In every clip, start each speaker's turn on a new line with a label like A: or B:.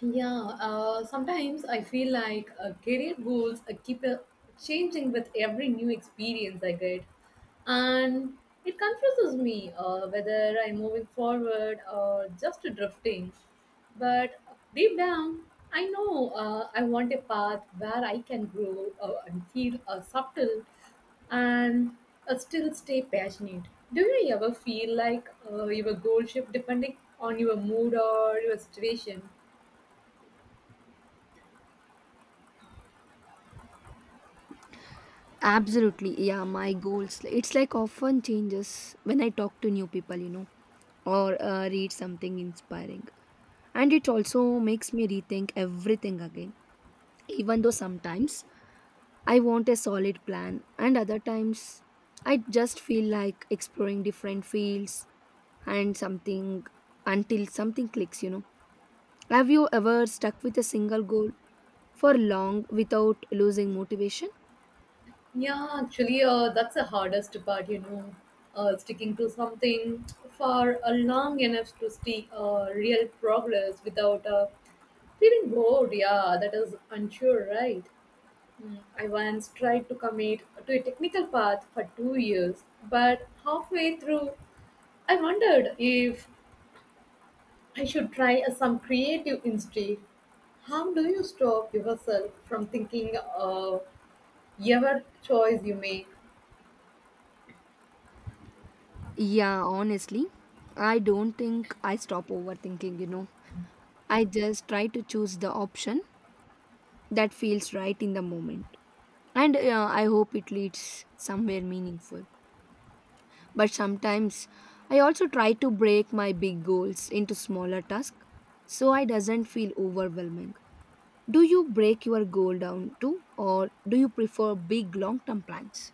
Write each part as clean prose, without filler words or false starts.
A: Yeah, sometimes I feel like career goals keep changing with every new experience I get. And it confuses me whether I'm moving forward or just drifting. But deep down, I know I want a path where I can grow and feel subtle and still stay passionate. Do you ever feel like your goal shift depending on your mood or your situation?
B: Absolutely, yeah. My goals, it's like often changes when I talk to new people, or read something inspiring. And it also makes me rethink everything again. Even though sometimes I want a solid plan, and other times I just feel like exploring different fields and something until something clicks, Have you ever stuck with a single goal for long without losing motivation?
A: Yeah, actually, that's the hardest part, sticking to something for long enough to see real progress without feeling bored. Yeah, that is unsure, right? I once tried to commit to a technical path for 2 years, but halfway through, I wondered if I should try some creative instead. How do you stop yourself from thinking of every choice you make?
B: Yeah, honestly, I don't think I stop overthinking. I just try to choose the option that feels right in the moment. And I hope it leads somewhere meaningful. But sometimes I also try to break my big goals into smaller tasks so I doesn't feel overwhelming. Do you break your goal down too or do you prefer big long-term plans?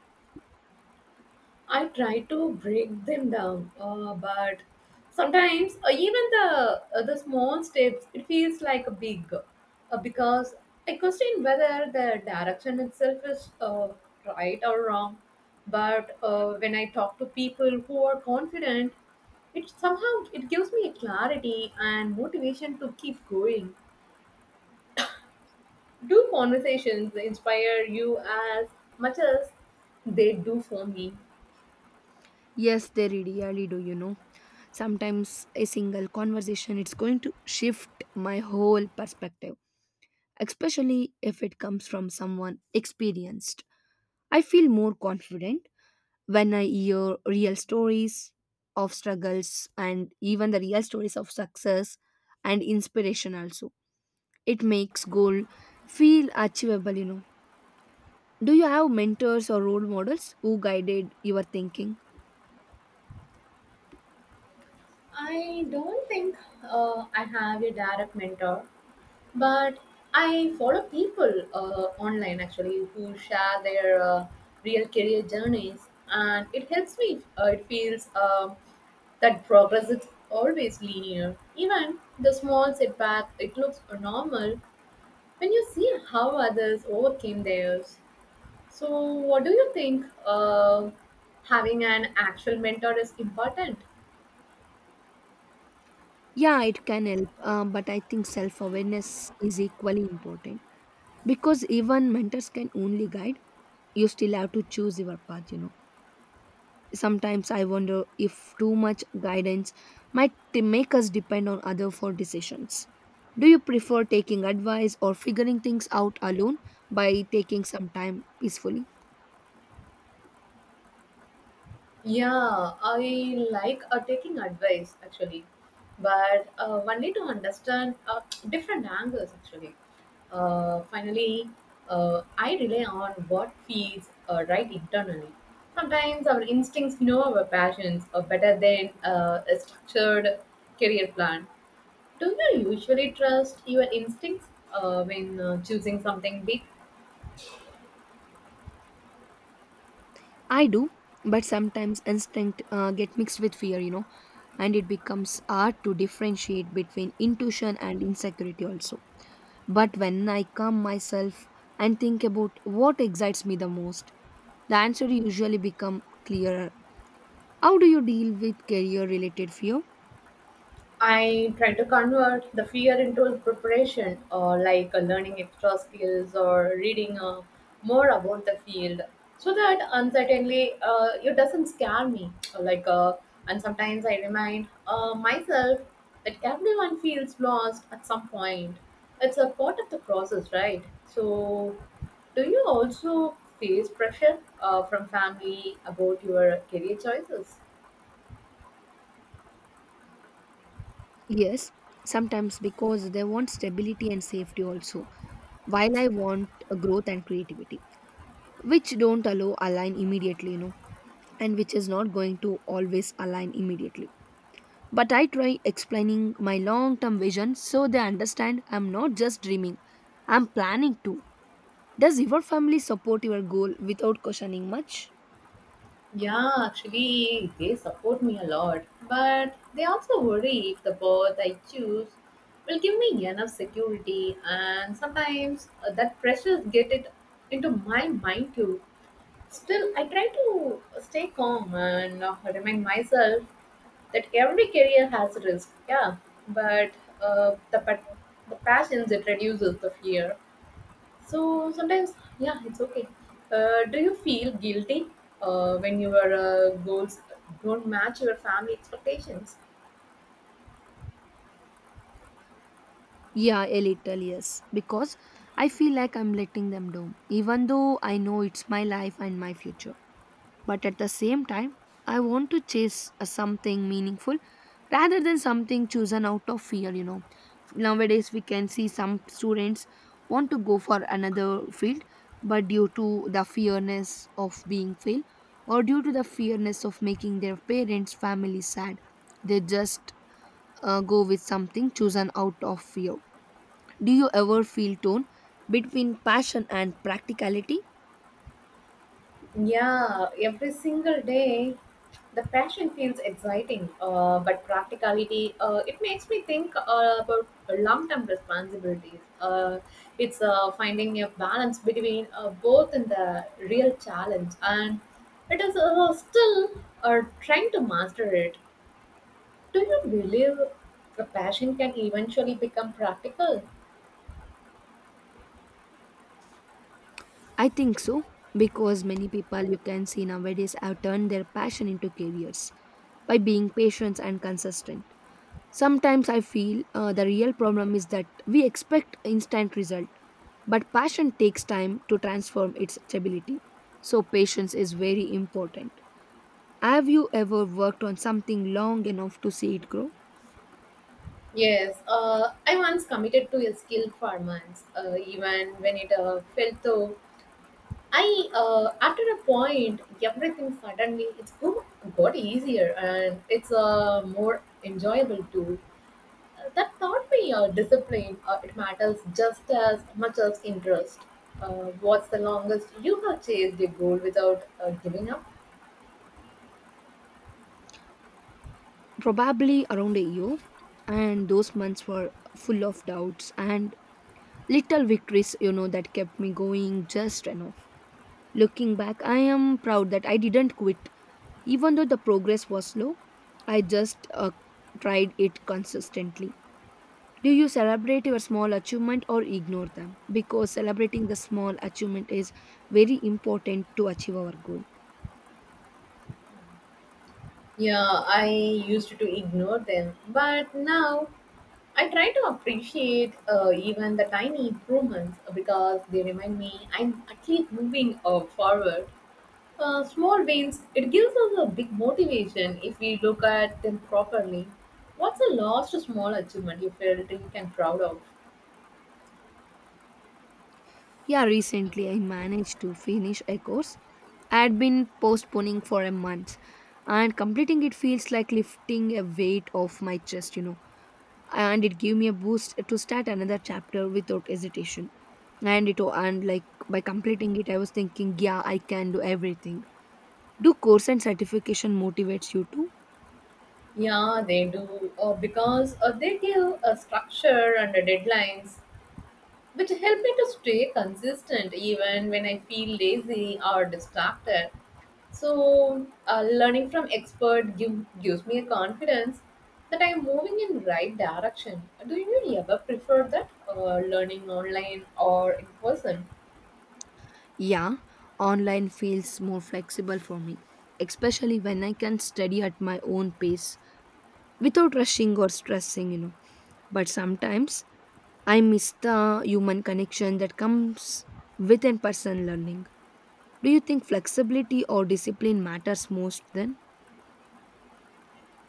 A: I try to break them down, but sometimes even the small steps it feels like a big, because I question whether the direction itself is right or wrong. But when I talk to people who are confident, it somehow it gives me a clarity and motivation to keep going. Do conversations inspire you as much as they do for me?
B: Yes, they really do, Sometimes a single conversation it's going to shift my whole perspective, especially if it comes from someone experienced. I feel more confident when I hear real stories of struggles and even the real stories of success and inspiration also. It makes goal feel achievable, Do you have mentors or role models who guided your thinking?
A: I don't think I have a direct mentor, but I follow people online actually who share their real career journeys, and it helps me. It feels that progress is always linear. Even the small setback, it looks normal when you see how others overcame theirs. So, what do you think? Having an actual mentor is important.
B: Yeah, it can help, but I think self awareness is equally important because even mentors can only guide you still have to choose your path. Sometimes I wonder if too much guidance might make us depend on other for decisions. Do you prefer taking advice or figuring things out alone by taking some time peacefully?
A: Yeah, I like taking advice actually, but one need to understand different angles actually. Finally, I rely on what feels right internally. Sometimes our instincts know our passions are better than a structured career plan. Do you usually trust your instincts when choosing something big?
B: I do, but sometimes instinct get mixed with fear and it becomes hard to differentiate between intuition and insecurity also. But when I calm myself and think about what excites me the most, the answer usually become clearer. How do you deal with career related fear?
A: I try to convert the fear into a preparation, or like learning extra skills or reading more about the field, so that uncertainly it doesn't scare me. Or like, and sometimes I remind myself that everyone feels lost at some point. It's a part of the process, right? So, do you also face pressure from family about your career choices?
B: Yes, sometimes because they want stability and safety also, while I want a growth and creativity, which don't allow align immediately, and which is not going to always align immediately. But I try explaining my long term vision so they understand I'm not just dreaming, I'm planning to. Does your family support your goal without questioning much?
A: Yeah, actually, they support me a lot, but they also worry if the path I choose will give me enough security, and sometimes that pressure get it into my mind too. Still, I try to stay calm and remind myself that every career has risk. Yeah, but uh, the pa- the passions it reduces the fear. So sometimes, yeah, it's okay. Do you feel guilty when your goals don't match your family expectations?
B: Yeah, a little, yes. Because I feel like I'm letting them down, even though I know it's my life and my future. But at the same time, I want to chase something meaningful rather than something chosen out of fear, Nowadays, we can see some students want to go for another field, but due to the fearness of being failed or due to the fearness of making their parents' family sad, they just go with something chosen out of fear. Do you ever feel torn between passion and practicality?
A: Yeah, every single day the passion feels exciting, but practicality, it makes me think about long term responsibilities. It's finding a balance between both in the real challenge and it is still trying to master it. Do you believe a passion can eventually become practical?
B: I think so, because many people you can see nowadays have turned their passion into careers by being patient and consistent. Sometimes I feel the real problem is that we expect instant result, but passion takes time to transform its stability. So patience is very important. Have you ever worked on something long enough to see it grow?
A: Yes, I once committed to a skill for months, even when it fell through. After a point, everything suddenly got easier and it's more enjoyable too. That taught me discipline. It matters just as much as interest. What's the longest you have chased a goal without giving up?
B: Probably around a year, and those months were full of doubts and little victories that kept me going just enough. Looking back, I am proud that I didn't quit even though the progress was slow. I just tried it consistently. Do you celebrate your small achievement or ignore them? Because celebrating the small achievement is very important to achieve our goal.
A: Yeah, I used to ignore them, but now I try to appreciate even the tiny improvements because they remind me I'm at least moving forward. Small wins, it gives us a big motivation if we look at them properly. What's the last small achievement you felt you can proud of?
B: Yeah, recently I managed to finish a course I had been postponing for a month, and completing it feels like lifting a weight off my chest, And it gave me a boost to start another chapter without hesitation. And it and like by completing it, I was thinking, yeah, I can do everything. Do course and certification motivates you too?
A: Yeah, they do because they give a structure and a deadlines which help me to stay consistent even when I feel lazy or distracted. So, learning from expert gives me a confidence that I am moving in right direction. Do you really ever prefer that learning online or in person?
B: Yeah, online feels more flexible for me, especially when I can study at my own pace without rushing or stressing, But sometimes I miss the human connection that comes with in person learning. Do you think flexibility or discipline matters most then?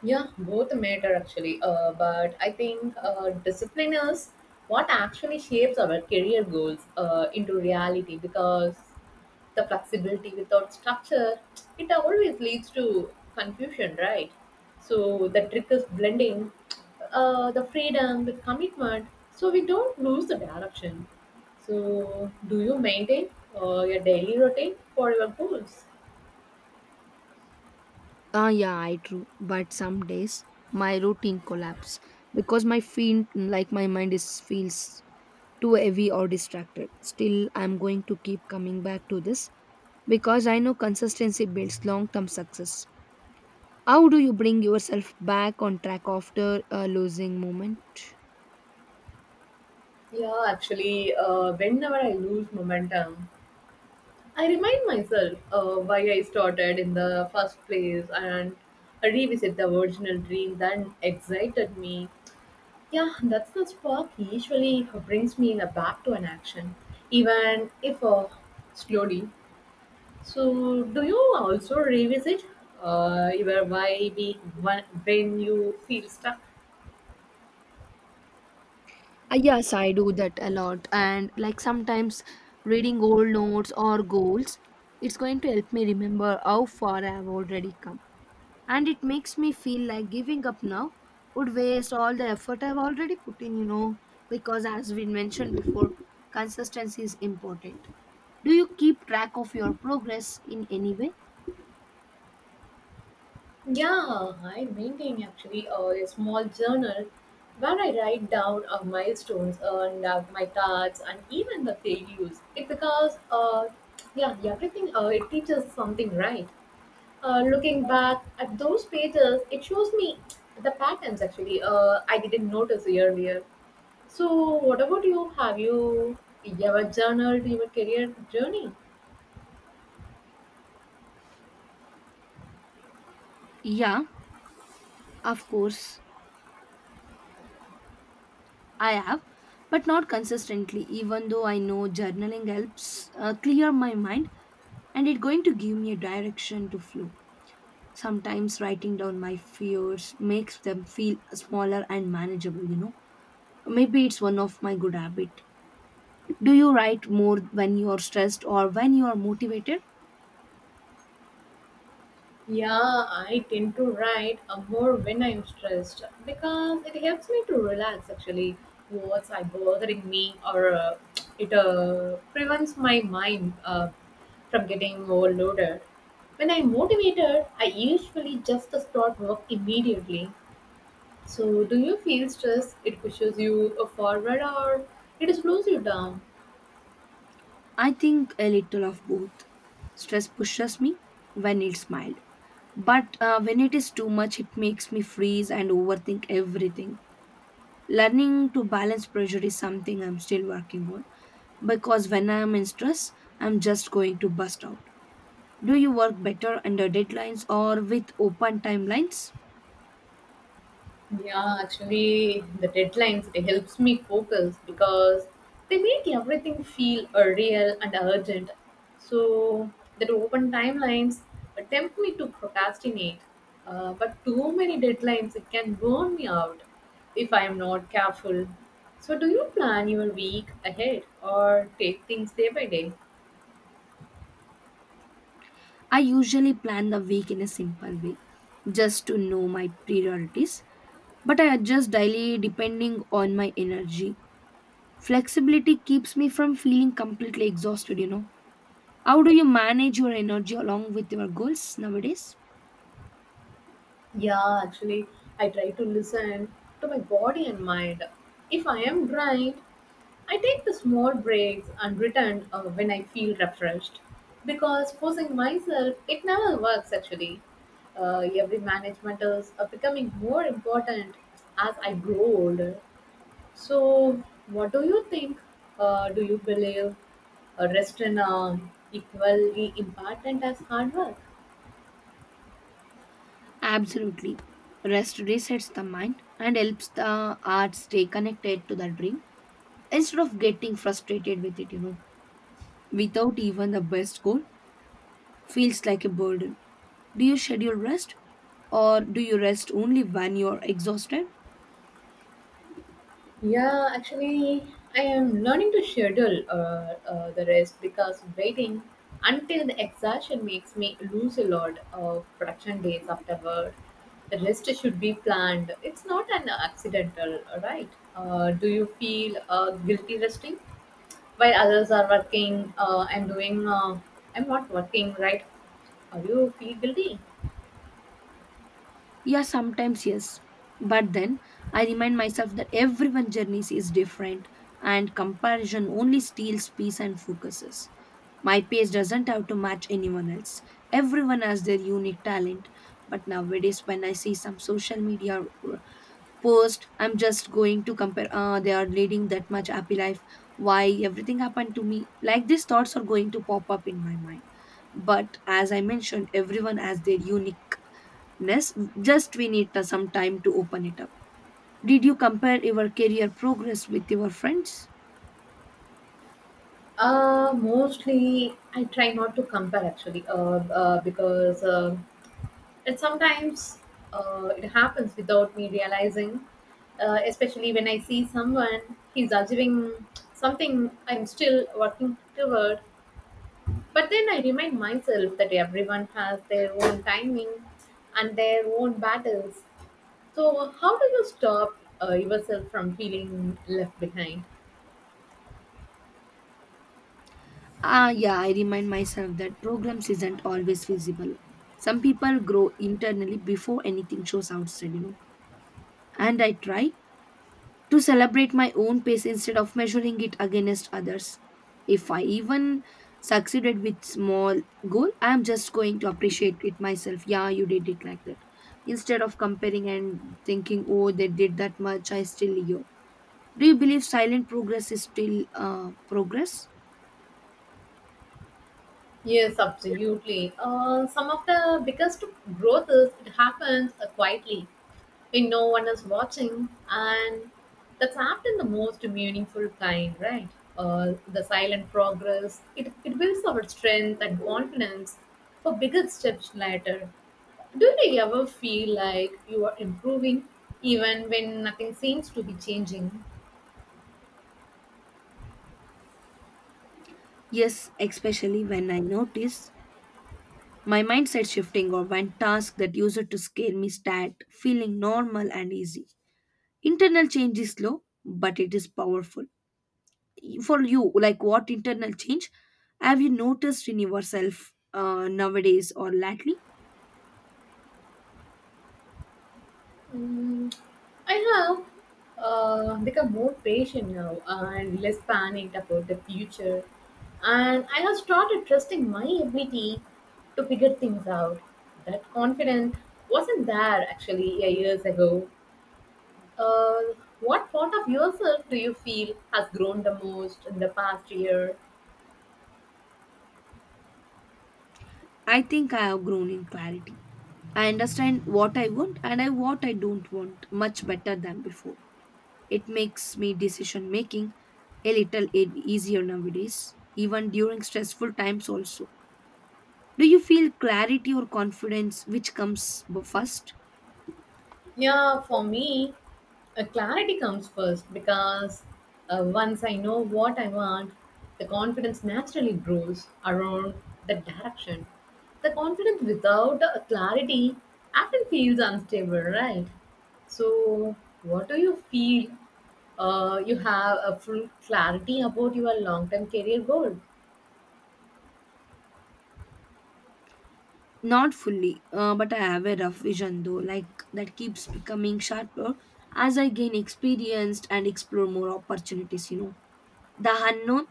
A: Yeah, both matter actually. But I think discipline is what actually shapes our career goals into reality because the flexibility without structure, it always leads to confusion, right? So the trick is blending the freedom with commitment so we don't lose the direction. So, do you maintain your daily routine for your goals?
B: Ah, yeah, I true. But some days my routine collapse because my feel like my mind is feels too heavy or distracted. Still, I'm going to keep coming back to this because I know consistency builds long-term success. How do you bring yourself back on track after a losing moment?
A: Yeah, actually, whenever I lose momentum, I remind myself why I started in the first place and I revisit the original dream that excited me. Yeah, that's the spark usually brings me in a back to an action, even if slowly. So, do you also revisit your why be when you feel stuck?
B: Yes, I do that a lot. And like sometimes reading old notes or goals, it's going to help me remember how far I've already come. And it makes me feel like giving up now would waste all the effort I've already put in, because as we mentioned before, consistency is important. Do you keep track of your progress in any way?
A: Yeah, I maintain actually a small journal where I write down milestones and my tasks and even the failures. It because yeah, everything it teaches something, right? Looking back at those pages, it shows me the patterns actually I didn't notice earlier. So, what about you? Have you ever journaled your career journey?
B: Yeah, of course. I have, but not consistently, even though I know journaling helps clear my mind and it's going to give me a direction to flow. Sometimes writing down my fears makes them feel smaller and manageable, Maybe it's one of my good habit. Do you write more when you are stressed or when you are motivated?
A: Yeah, I tend to write more when I'm stressed because it helps me to relax actually what's I bothering me or it prevents my mind from getting overloaded. When I'm motivated, I usually just start work immediately. So do you feel stress? It pushes you forward or it slows you down?
B: I think a little of both. Stress pushes me when it's mild, but when it is too much, it makes me freeze and overthink everything. Learning to balance pressure is something I'm still working on because when I'm in stress, I'm just going to bust out. Do you work better under deadlines or with open timelines?
A: Yeah, actually, the deadlines it helps me focus because they make everything feel real and urgent. So that open timelines tempt me to procrastinate, but too many deadlines it can burn me out if I am not careful. So do you plan your week ahead or take things day by day?
B: I usually plan the week in a simple way just to know my priorities, but I adjust daily depending on my energy. Flexibility keeps me from feeling completely exhausted, How do you manage your energy along with your goals nowadays?
A: Yeah, actually, I try to listen to my body and mind. If I am drained I take the small breaks and return when I feel refreshed because forcing myself, it never works actually. Every management is becoming more important as I grow older. So, what do you think? Do you believe rest in equally important as hard work?
B: Absolutely. Rest resets the mind and helps the art stay connected to the dream instead of getting frustrated with it, Without even the best goal, feels like a burden. Do you schedule rest or do you rest only when you are exhausted?
A: Yeah, actually, I am learning to schedule the rest because waiting until the exhaustion makes me lose a lot of production days afterward. The rest should be planned. It's not an accidental, right? Do you feel guilty resting while others are working? I'm doing. I'm not working, right? Are you feel guilty?
B: Yeah, sometimes yes. But then I remind myself that everyone's journey is different and comparison only steals peace and focuses. My pace doesn't have to match anyone else. Everyone has their unique talent. But nowadays, when I see some social media post, I'm just going to compare, ah, they are leading that much happy life. Why everything happened to me? Like these thoughts are going to pop up in my mind. But as I mentioned, everyone has their unique ness. Just we need some time to open it up. Did you compare your career progress with your friends?
A: Mostly I try not to compare actually, because and sometimes it happens without me realizing, especially when I see someone, he's achieving something I'm still working toward. But then I remind myself that everyone has their own timing and their own battles. So, how do you stop yourself from feeling left behind?
B: Ah yeah, I remind myself that programs isn't always visible. Some people grow internally before anything shows outside, and I try to celebrate my own pace instead of measuring it against others. If I even succeeded with small goal, I am just going to appreciate it myself. Yeah, you did it like that. Instead of comparing and thinking, oh, they did that much, I still yo. Do you believe silent progress is still progress?
A: Yes, absolutely. Some of the biggest growth is it happens quietly when no one is watching, and that's often the most meaningful kind, right? The silent progress, it builds our strength and confidence for bigger steps later. Do you ever feel like you are improving even when nothing seems to be changing?
B: Yes, especially when I notice my mindset shifting or when tasks that used to scare me start feeling normal and easy. Internal change is slow, but it is powerful. For you, like what internal change have you noticed in yourself nowadays or lately?
A: Mm, I have become more patient now and less panicked about the future. And I have started trusting my ability to figure things out. That confidence wasn't there actually a years ago. Uh, what part of yourself do you feel has grown the most in the past year?
B: I think I have grown in clarity. I understand what I want and I what I don't want much better than before. It makes me decision making a little easier nowadays, even during stressful times also. Do you feel clarity or confidence, which comes first?
A: Yeah, for me, clarity comes first because once I know what I want, the confidence naturally grows around that direction. The confidence without clarity often feels unstable, right? So, what do you feel? You have a full clarity about your long-term career goal.
B: Not fully, but I have a rough vision though, like that keeps becoming sharper as I gain experienced and explore more opportunities, The unknown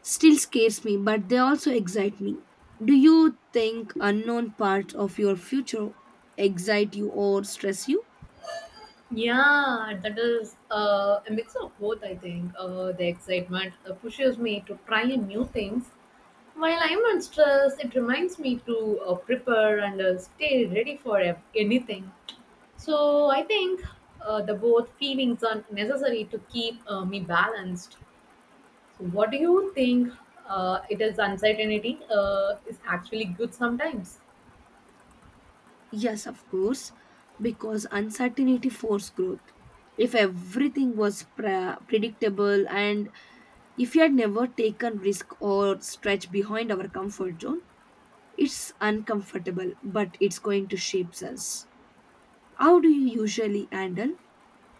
B: still scares me, but they also excite me. Do you think unknown parts of your future excite you or stress you?
A: Yeah, that is a mix of both, I think. The excitement pushes me to try new things. While I'm on stress, it reminds me to prepare and stay ready for anything. So I think the both feelings are necessary to keep me balanced. So what do you think? It is uncertainty is actually good sometimes.
B: Yes, of course, because uncertainty forces growth. If everything was predictable and if we had never taken risk or stretched behind our comfort zone, it's uncomfortable, but it's going to shape us. How do you usually handle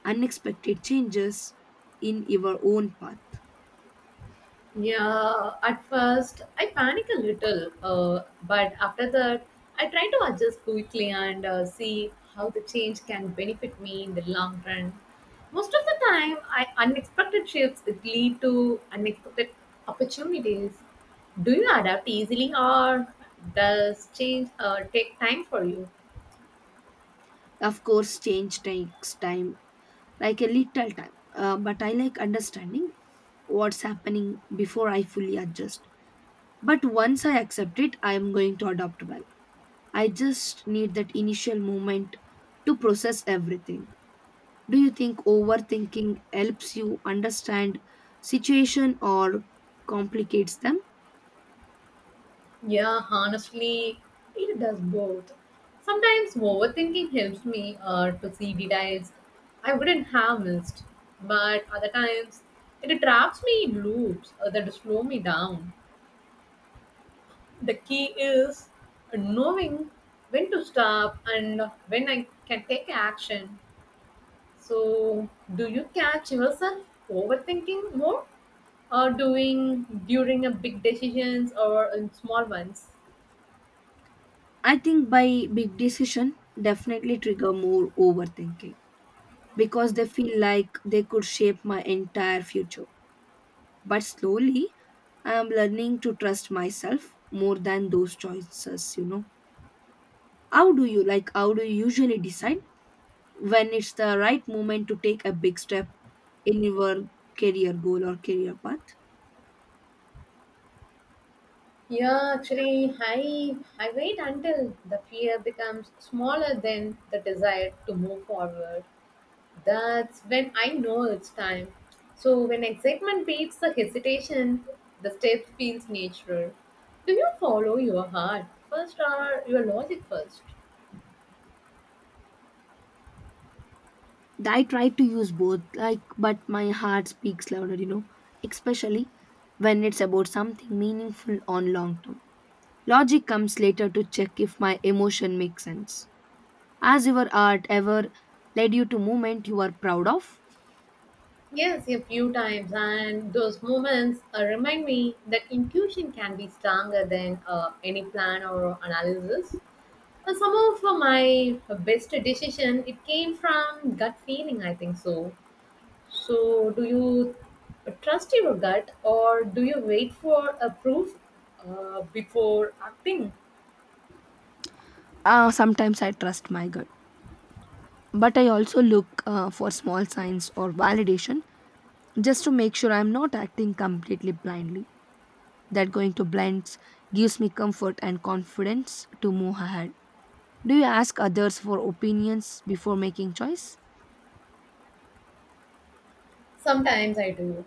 B: unexpected changes in your own path?
A: Yeah, at first I panic a little, but after that I try to adjust quickly and see how the change can benefit me in the long run. Most of the time, I unexpected shifts that lead to unexpected opportunities. Do you adapt easily, or does change take time for you?
B: Of course, change takes time, like a little time, but I like understanding what's happening before I fully adjust. But once I accept it, I am going to adopt well. I just need that initial moment to process everything. Do you think overthinking helps you understand situation or complicates them?
A: Yeah, honestly, it does both. Sometimes overthinking helps me to see details I wouldn't have missed, but other times it traps me in loops that slow me down. The key is knowing when to stop and when I can take action. So, do you catch yourself overthinking more or doing during a big decisions or in small ones?
B: I think by big decision definitely trigger more overthinking because they feel like they could shape my entire future. But slowly, I am learning to trust myself more than those choices, How do you like how do you usually decide when it's the right moment to take a big step in your career goal or career path?
A: Yeah, actually, I wait until the fear becomes smaller than the desire to move forward. That's when I know it's time. So when excitement beats the hesitation, the step feels natural. Do you follow your heart first or your logic first?
B: I try to use both, like, but my heart speaks louder, especially when it's about something meaningful on long term. Logic comes later to check if my emotion makes sense. Has your art ever led you to movement you are proud of?
A: Yes, a few times, and those moments remind me that intuition can be stronger than any plan or analysis. And some of my best decision it came from gut feeling, I think so. So do you trust your gut or do you wait for a proof before acting?
B: Sometimes I trust my gut, but I also look for small signs or validation just to make sure I'm not acting completely blindly. That going to blends gives me comfort and confidence to move ahead. Do you ask others for opinions before making choice?
A: Sometimes I do,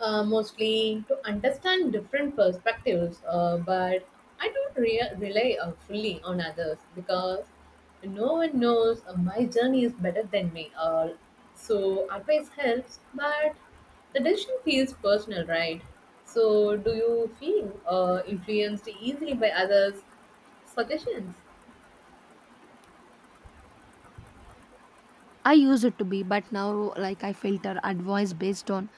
A: mostly to understand different perspectives, but I don't rely fully on others because no one knows my journey is better than me. So advice helps, but the decision feels personal, right? So do you feel influenced easily by others' suggestions?
B: I used it to be, but now, like, I filter advice based on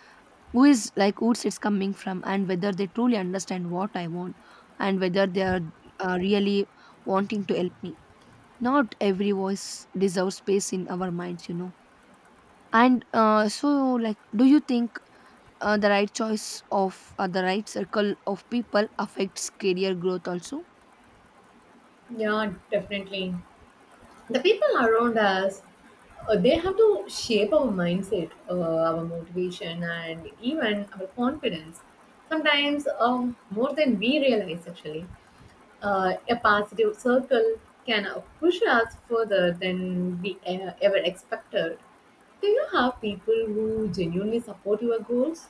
B: who is like who's it's coming from and whether they truly understand what I want and whether they are really wanting to help me. Not every voice deserves space in our minds, you know. And so, like, do you think the right choice of the right circle of people affects career growth also?
A: Yeah, definitely. The people around us they have to shape our mindset, our motivation, and even our confidence. Sometimes, more than we realize, actually, a positive circle can push us further than we ever expected. Do you have people who genuinely support your goals?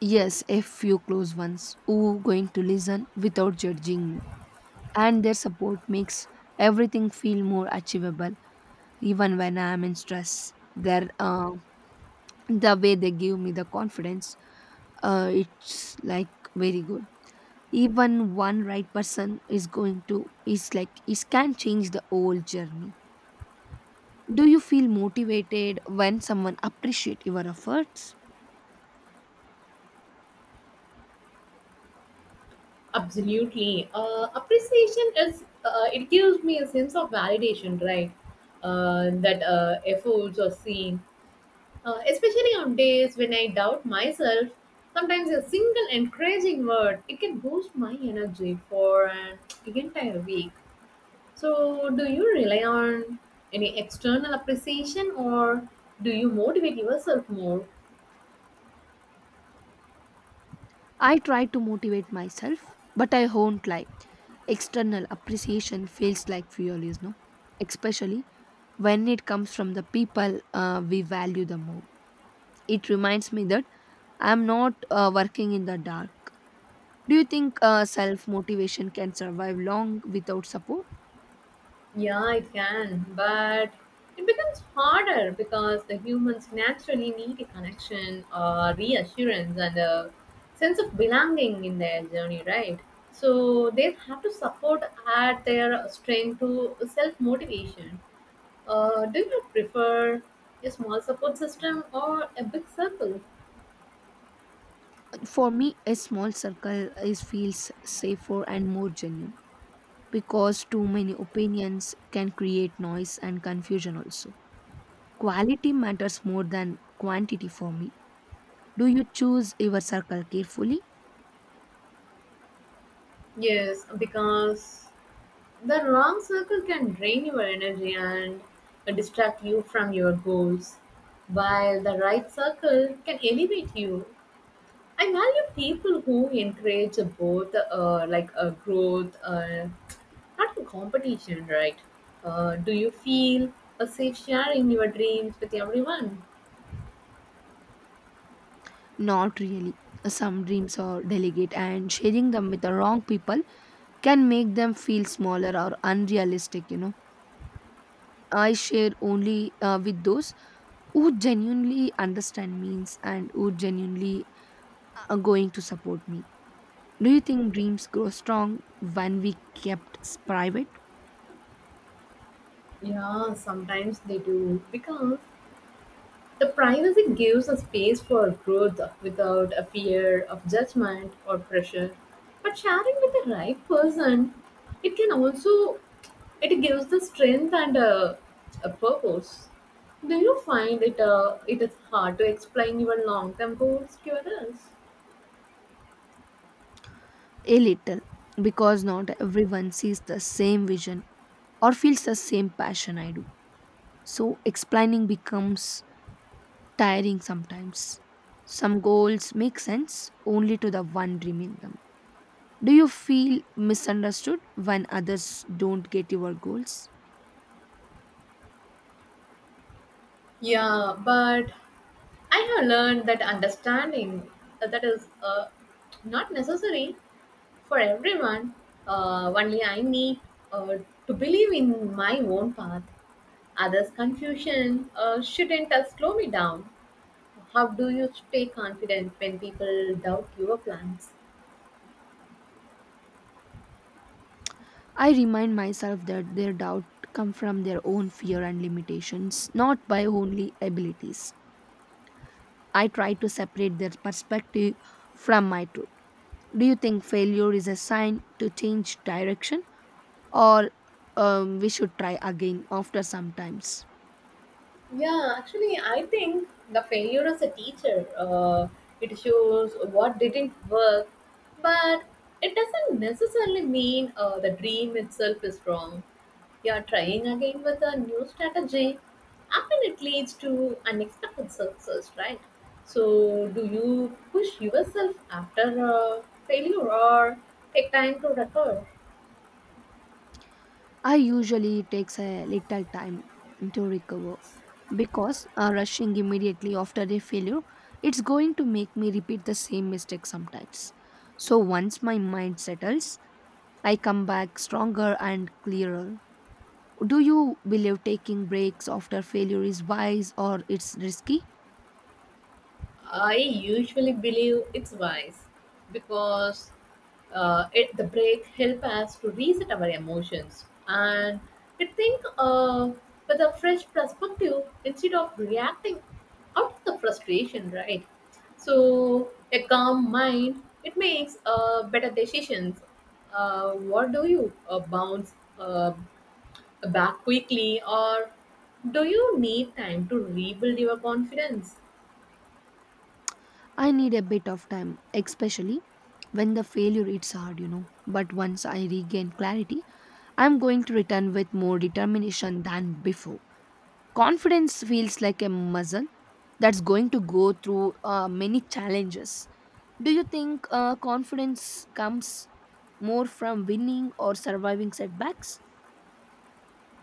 B: Yes, a few close ones who going to listen without judging me. And their support makes everything feel more achievable even when I am in stress. The way they give me the confidence, it's like very good. Even one right person is going to is like is can change the whole journey. Do you feel motivated when someone appreciate your efforts?
A: Absolutely. Appreciation is it gives me a sense of validation, right? That efforts are seen. Especially on days when I doubt myself, sometimes a single encouraging word it can boost my energy for an entire week. So, do you rely on any external appreciation or do you motivate yourself more?
B: I try to motivate myself, but I won't lie. External appreciation feels like fuel, you know, especially when it comes from the people we value the more. It reminds me that I'm not working in the dark. Do you think self motivation can survive long without support?
A: Yeah, it can, but it becomes harder because the humans naturally need a connection, reassurance, and a sense of belonging in their journey, right? So they have to support add their strength to self motivation. Do you prefer a small support system or a big circle?
B: For me, a small circle is feels safer and more genuine because too many opinions can create noise and confusion also. Quality matters more than quantity for me. Do you choose your circle carefully?
A: Yes, because the wrong circle can drain your energy and distract you from your goals, while the right circle can elevate you. I value people who encourage both, growth, not in competition, right? Do you feel a safe sharing your dreams with everyone?
B: Not really. Some dreams are delicate, and sharing them with the wrong people can make them feel smaller or unrealistic, you know. I share only with those who genuinely understand means and who genuinely are going to support me. Do you think dreams grow strong when we kept private?
A: Yeah, sometimes they do because the privacy gives a space for growth without a fear of judgment or pressure. But sharing with the right person, it can also, it gives the strength and a purpose. Do you find it is hard to explain your long term goals to others?
B: A little, because not everyone sees the same vision or feels the same passion I do. So explaining becomes tiring sometimes. Some goals make sense only to the one dreaming them. Do you feel misunderstood when others don't get your goals?
A: Yeah, but I have learned that understanding that is not necessary for everyone. Only I need uh, to believe in my own path. Others' confusion shouldn't slow me down. How do you stay confident when people doubt your plans?
B: I remind myself that their doubt come from their own fear and limitations, not by only abilities. I try to separate their perspective from my truth. Do you think failure is a sign to change direction? Or we should try again after sometimes.
A: Yeah, actually, I think the failure as a teacher, it shows what didn't work, but it doesn't necessarily mean the dream itself is wrong. You're trying again with a new strategy. Often it leads to unexpected success, right? So, do you push yourself after a failure or take time to recover?
B: I usually takes a little time to recover because rushing immediately after a failure it's going to make me repeat the same mistake sometimes. So once my mind settles, I come back stronger and clearer. Do you believe taking breaks after failure is wise or it's risky?
A: I usually believe it's wise because the break help us to reset our emotions and to think with a fresh perspective instead of reacting out of the frustration, right? So a calm mind it makes better decisions. What do you bounce uh, back quickly, or do you need time to rebuild your confidence?
B: I need a bit of time, especially when the failure it's hard, you know. But once I regain clarity, I'm going to return with more determination than before. Confidence feels like a muscle that's going to go through many challenges. Do you think confidence comes more from winning or surviving setbacks?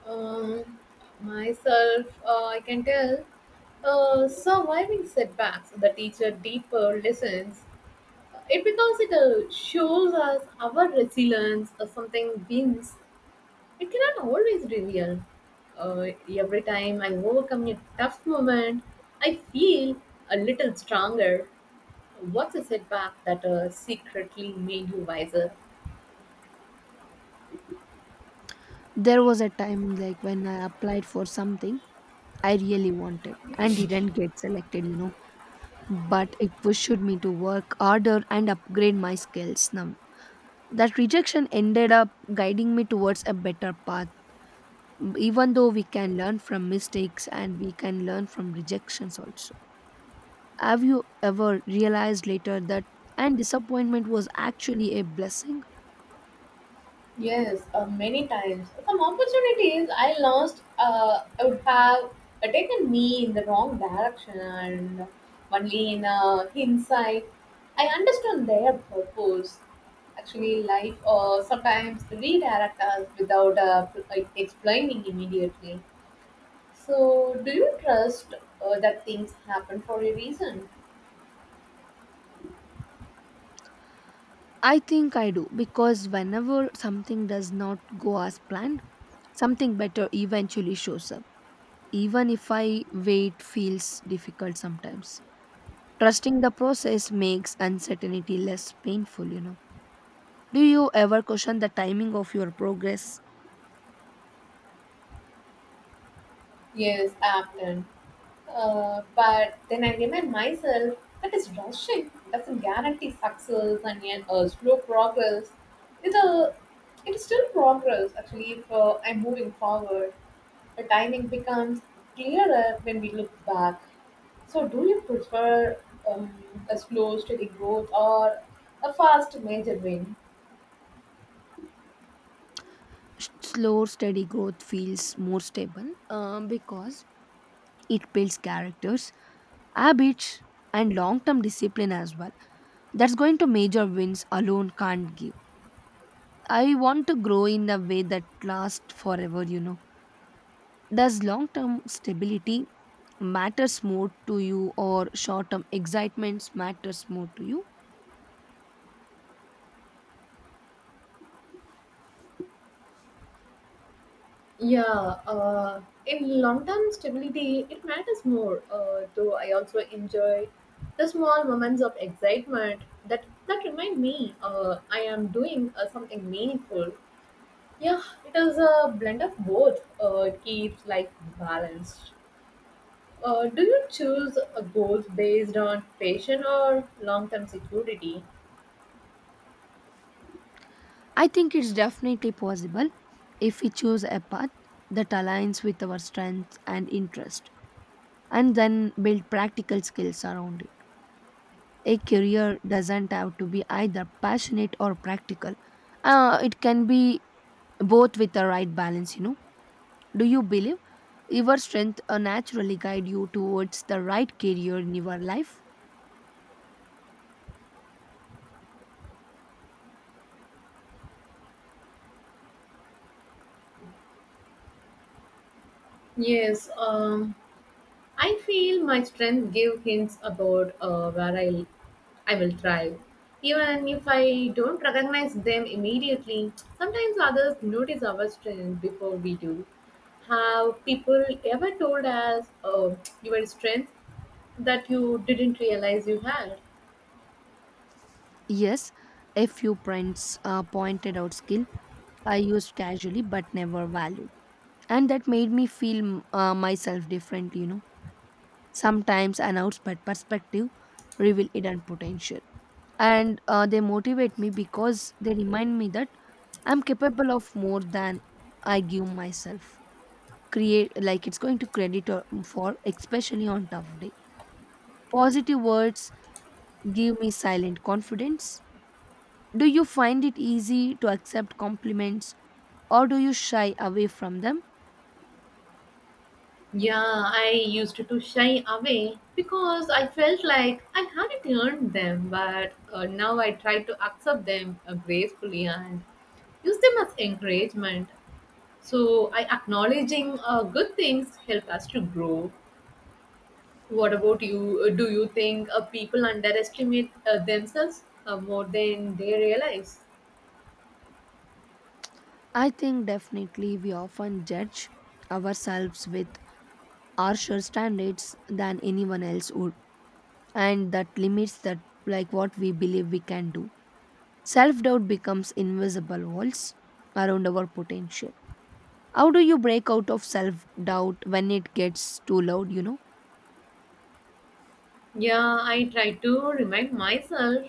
A: Um, Myself, I can tell. Surviving setbacks, the teacher deeper lessons. It because it shows us our resilience or something wins. It cannot always reveal. Every time I overcome a tough moment, I feel a little stronger. What's a setback that secretly made you wiser?
B: There was a time, like, when I applied for something I really wanted and didn't get selected, you know, but it pushed me to work harder and upgrade my skills now. That rejection ended up guiding me towards a better path. Even though we can learn from mistakes and we can learn from rejections also, have you ever realized later that and disappointment was actually a blessing?
A: Yes, many times. Some opportunities I lost would have taken me in the wrong direction, and only in hindsight, I understood their purpose. Actually, life sometimes redirect us without explaining immediately. So, do you trust that things happen for a reason?
B: I think I do, because whenever something does not go as planned, something better eventually shows up. Even if I wait feels difficult sometimes, trusting the process makes uncertainty less painful, you know. Do you ever question the timing of your progress?
A: Yes, often. But then I remind myself that is rushing doesn't guarantee success and yet slow progress. It's a, it is still progress actually if I'm moving forward. The timing becomes clearer when we look back. So, do you prefer um, a slow, steady growth or a fast, major win?
B: Slow, steady growth feels more stable, because it builds characters, habits, and long term discipline as well. That's going to major wins alone can't give. I want to grow in a way that lasts forever, you know. Does long term stability matters more to you or short term excitements matters more to you?
A: Yeah, in long-term stability, it matters more. Though I also enjoy the small moments of excitement that remind me I am doing something meaningful. Yeah, it is a blend of both. It keeps life balanced. Do you choose goals based on passion or long-term security?
B: I think it's definitely possible if we choose a path that aligns with our strengths and interest and then build practical skills around it. A career doesn't have to be either passionate or practical. It can be both with the right balance, you know. Do you believe your strength naturally guide you towards the right career in your life?
A: Yes. I feel my strength give hints about I will thrive. Even if I don't recognize them immediately, sometimes others notice our strength before we do. Have people ever told us your strength that you didn't realize you had?
B: Yes, a few friends pointed out skill I used casually but never valued. And that made me feel myself differently, you know. Sometimes an outside perspective reveal hidden potential. And they motivate me because they remind me that I'm capable of more than I give myself create, like it's going to credit or- for, especially on tough day, positive words give me silent confidence. Do you find it easy to accept compliments or do you shy away from them?
A: Yeah, I used to shy away because I felt like I hadn't earned them, but now I try to accept them gracefully and use them as encouragement. So, I acknowledging good things help us to grow. What about you? Do you think people underestimate themselves more than they realize?
B: I think definitely we often judge ourselves with harsher standards than anyone else would, and that limits that, like, what we believe we can do. Self doubt becomes invisible walls around our potential. How do you break out of self doubt when it gets too loud, you know?
A: Yeah, I try to remind myself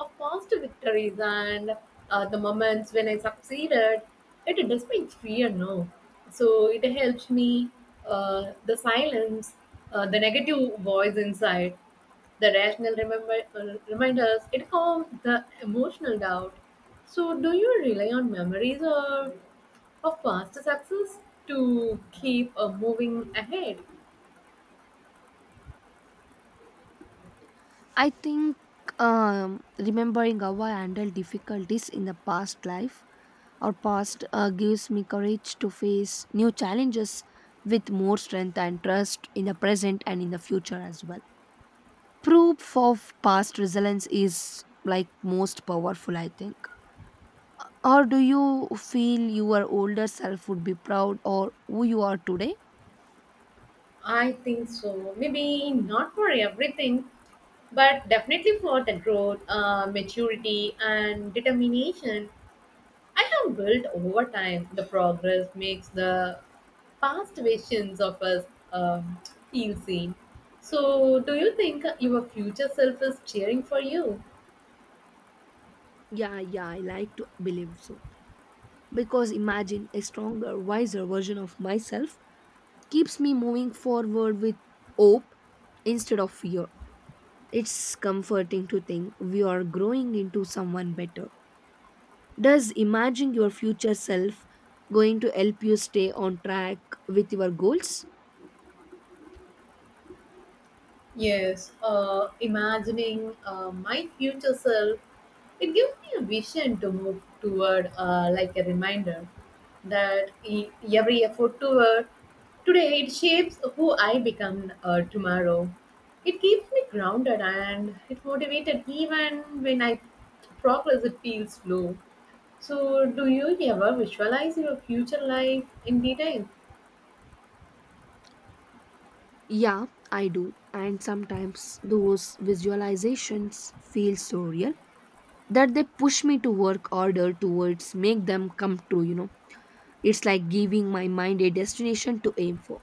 A: of past victories and the moments when I succeeded. It despite fear, no. So it helps me the silence, the negative voice inside, the rational remember reminders. It calms the emotional doubt. So do you rely on memories or of past success to keep moving ahead?
B: I think, remembering how I handled difficulties in the past life or past gives me courage to face new challenges with more strength and trust in the present and in the future as well. Proof of past resilience is like most powerful, I think. Or do you feel your older self would be proud or who you are today?
A: I think so. Maybe not for everything, but definitely for the growth, maturity, and determination I have built over time. The progress makes the past versions of us um, feel seen. So, do you think your future self is cheering for you?
B: Yeah, yeah, I like to believe so. Because imagine a stronger, wiser version of myself keeps me moving forward with hope instead of fear. It's comforting to think we are growing into someone better. Does imagining your future self going to help you stay on track with your goals?
A: Yes, imagining my future self, it gives me a vision to move toward, like a reminder that e- every effort toward today it shapes who I become tomorrow. It keeps me grounded and it motivated even when I progress it feels slow. So, do you ever visualize your future life in detail?
B: Yeah, I do. And sometimes those visualizations feel so real that they push me to work harder towards make them come true, you know. It's like giving my mind a destination to aim for.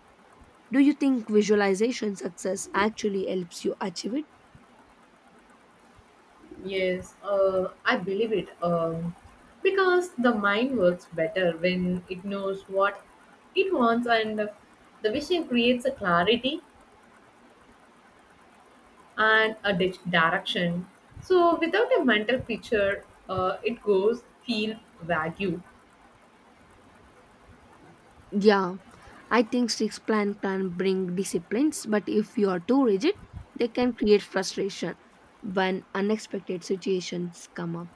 B: Do you think visualization success actually helps you achieve it?
A: Yes, I believe it. Because the mind works better when it knows what it wants, and the vision creates a clarity and a direction. So, without a mental picture, it goes feel vague.
B: Yeah, I think six plan bring disciplines, but if you are too rigid, they can create frustration when unexpected situations come up.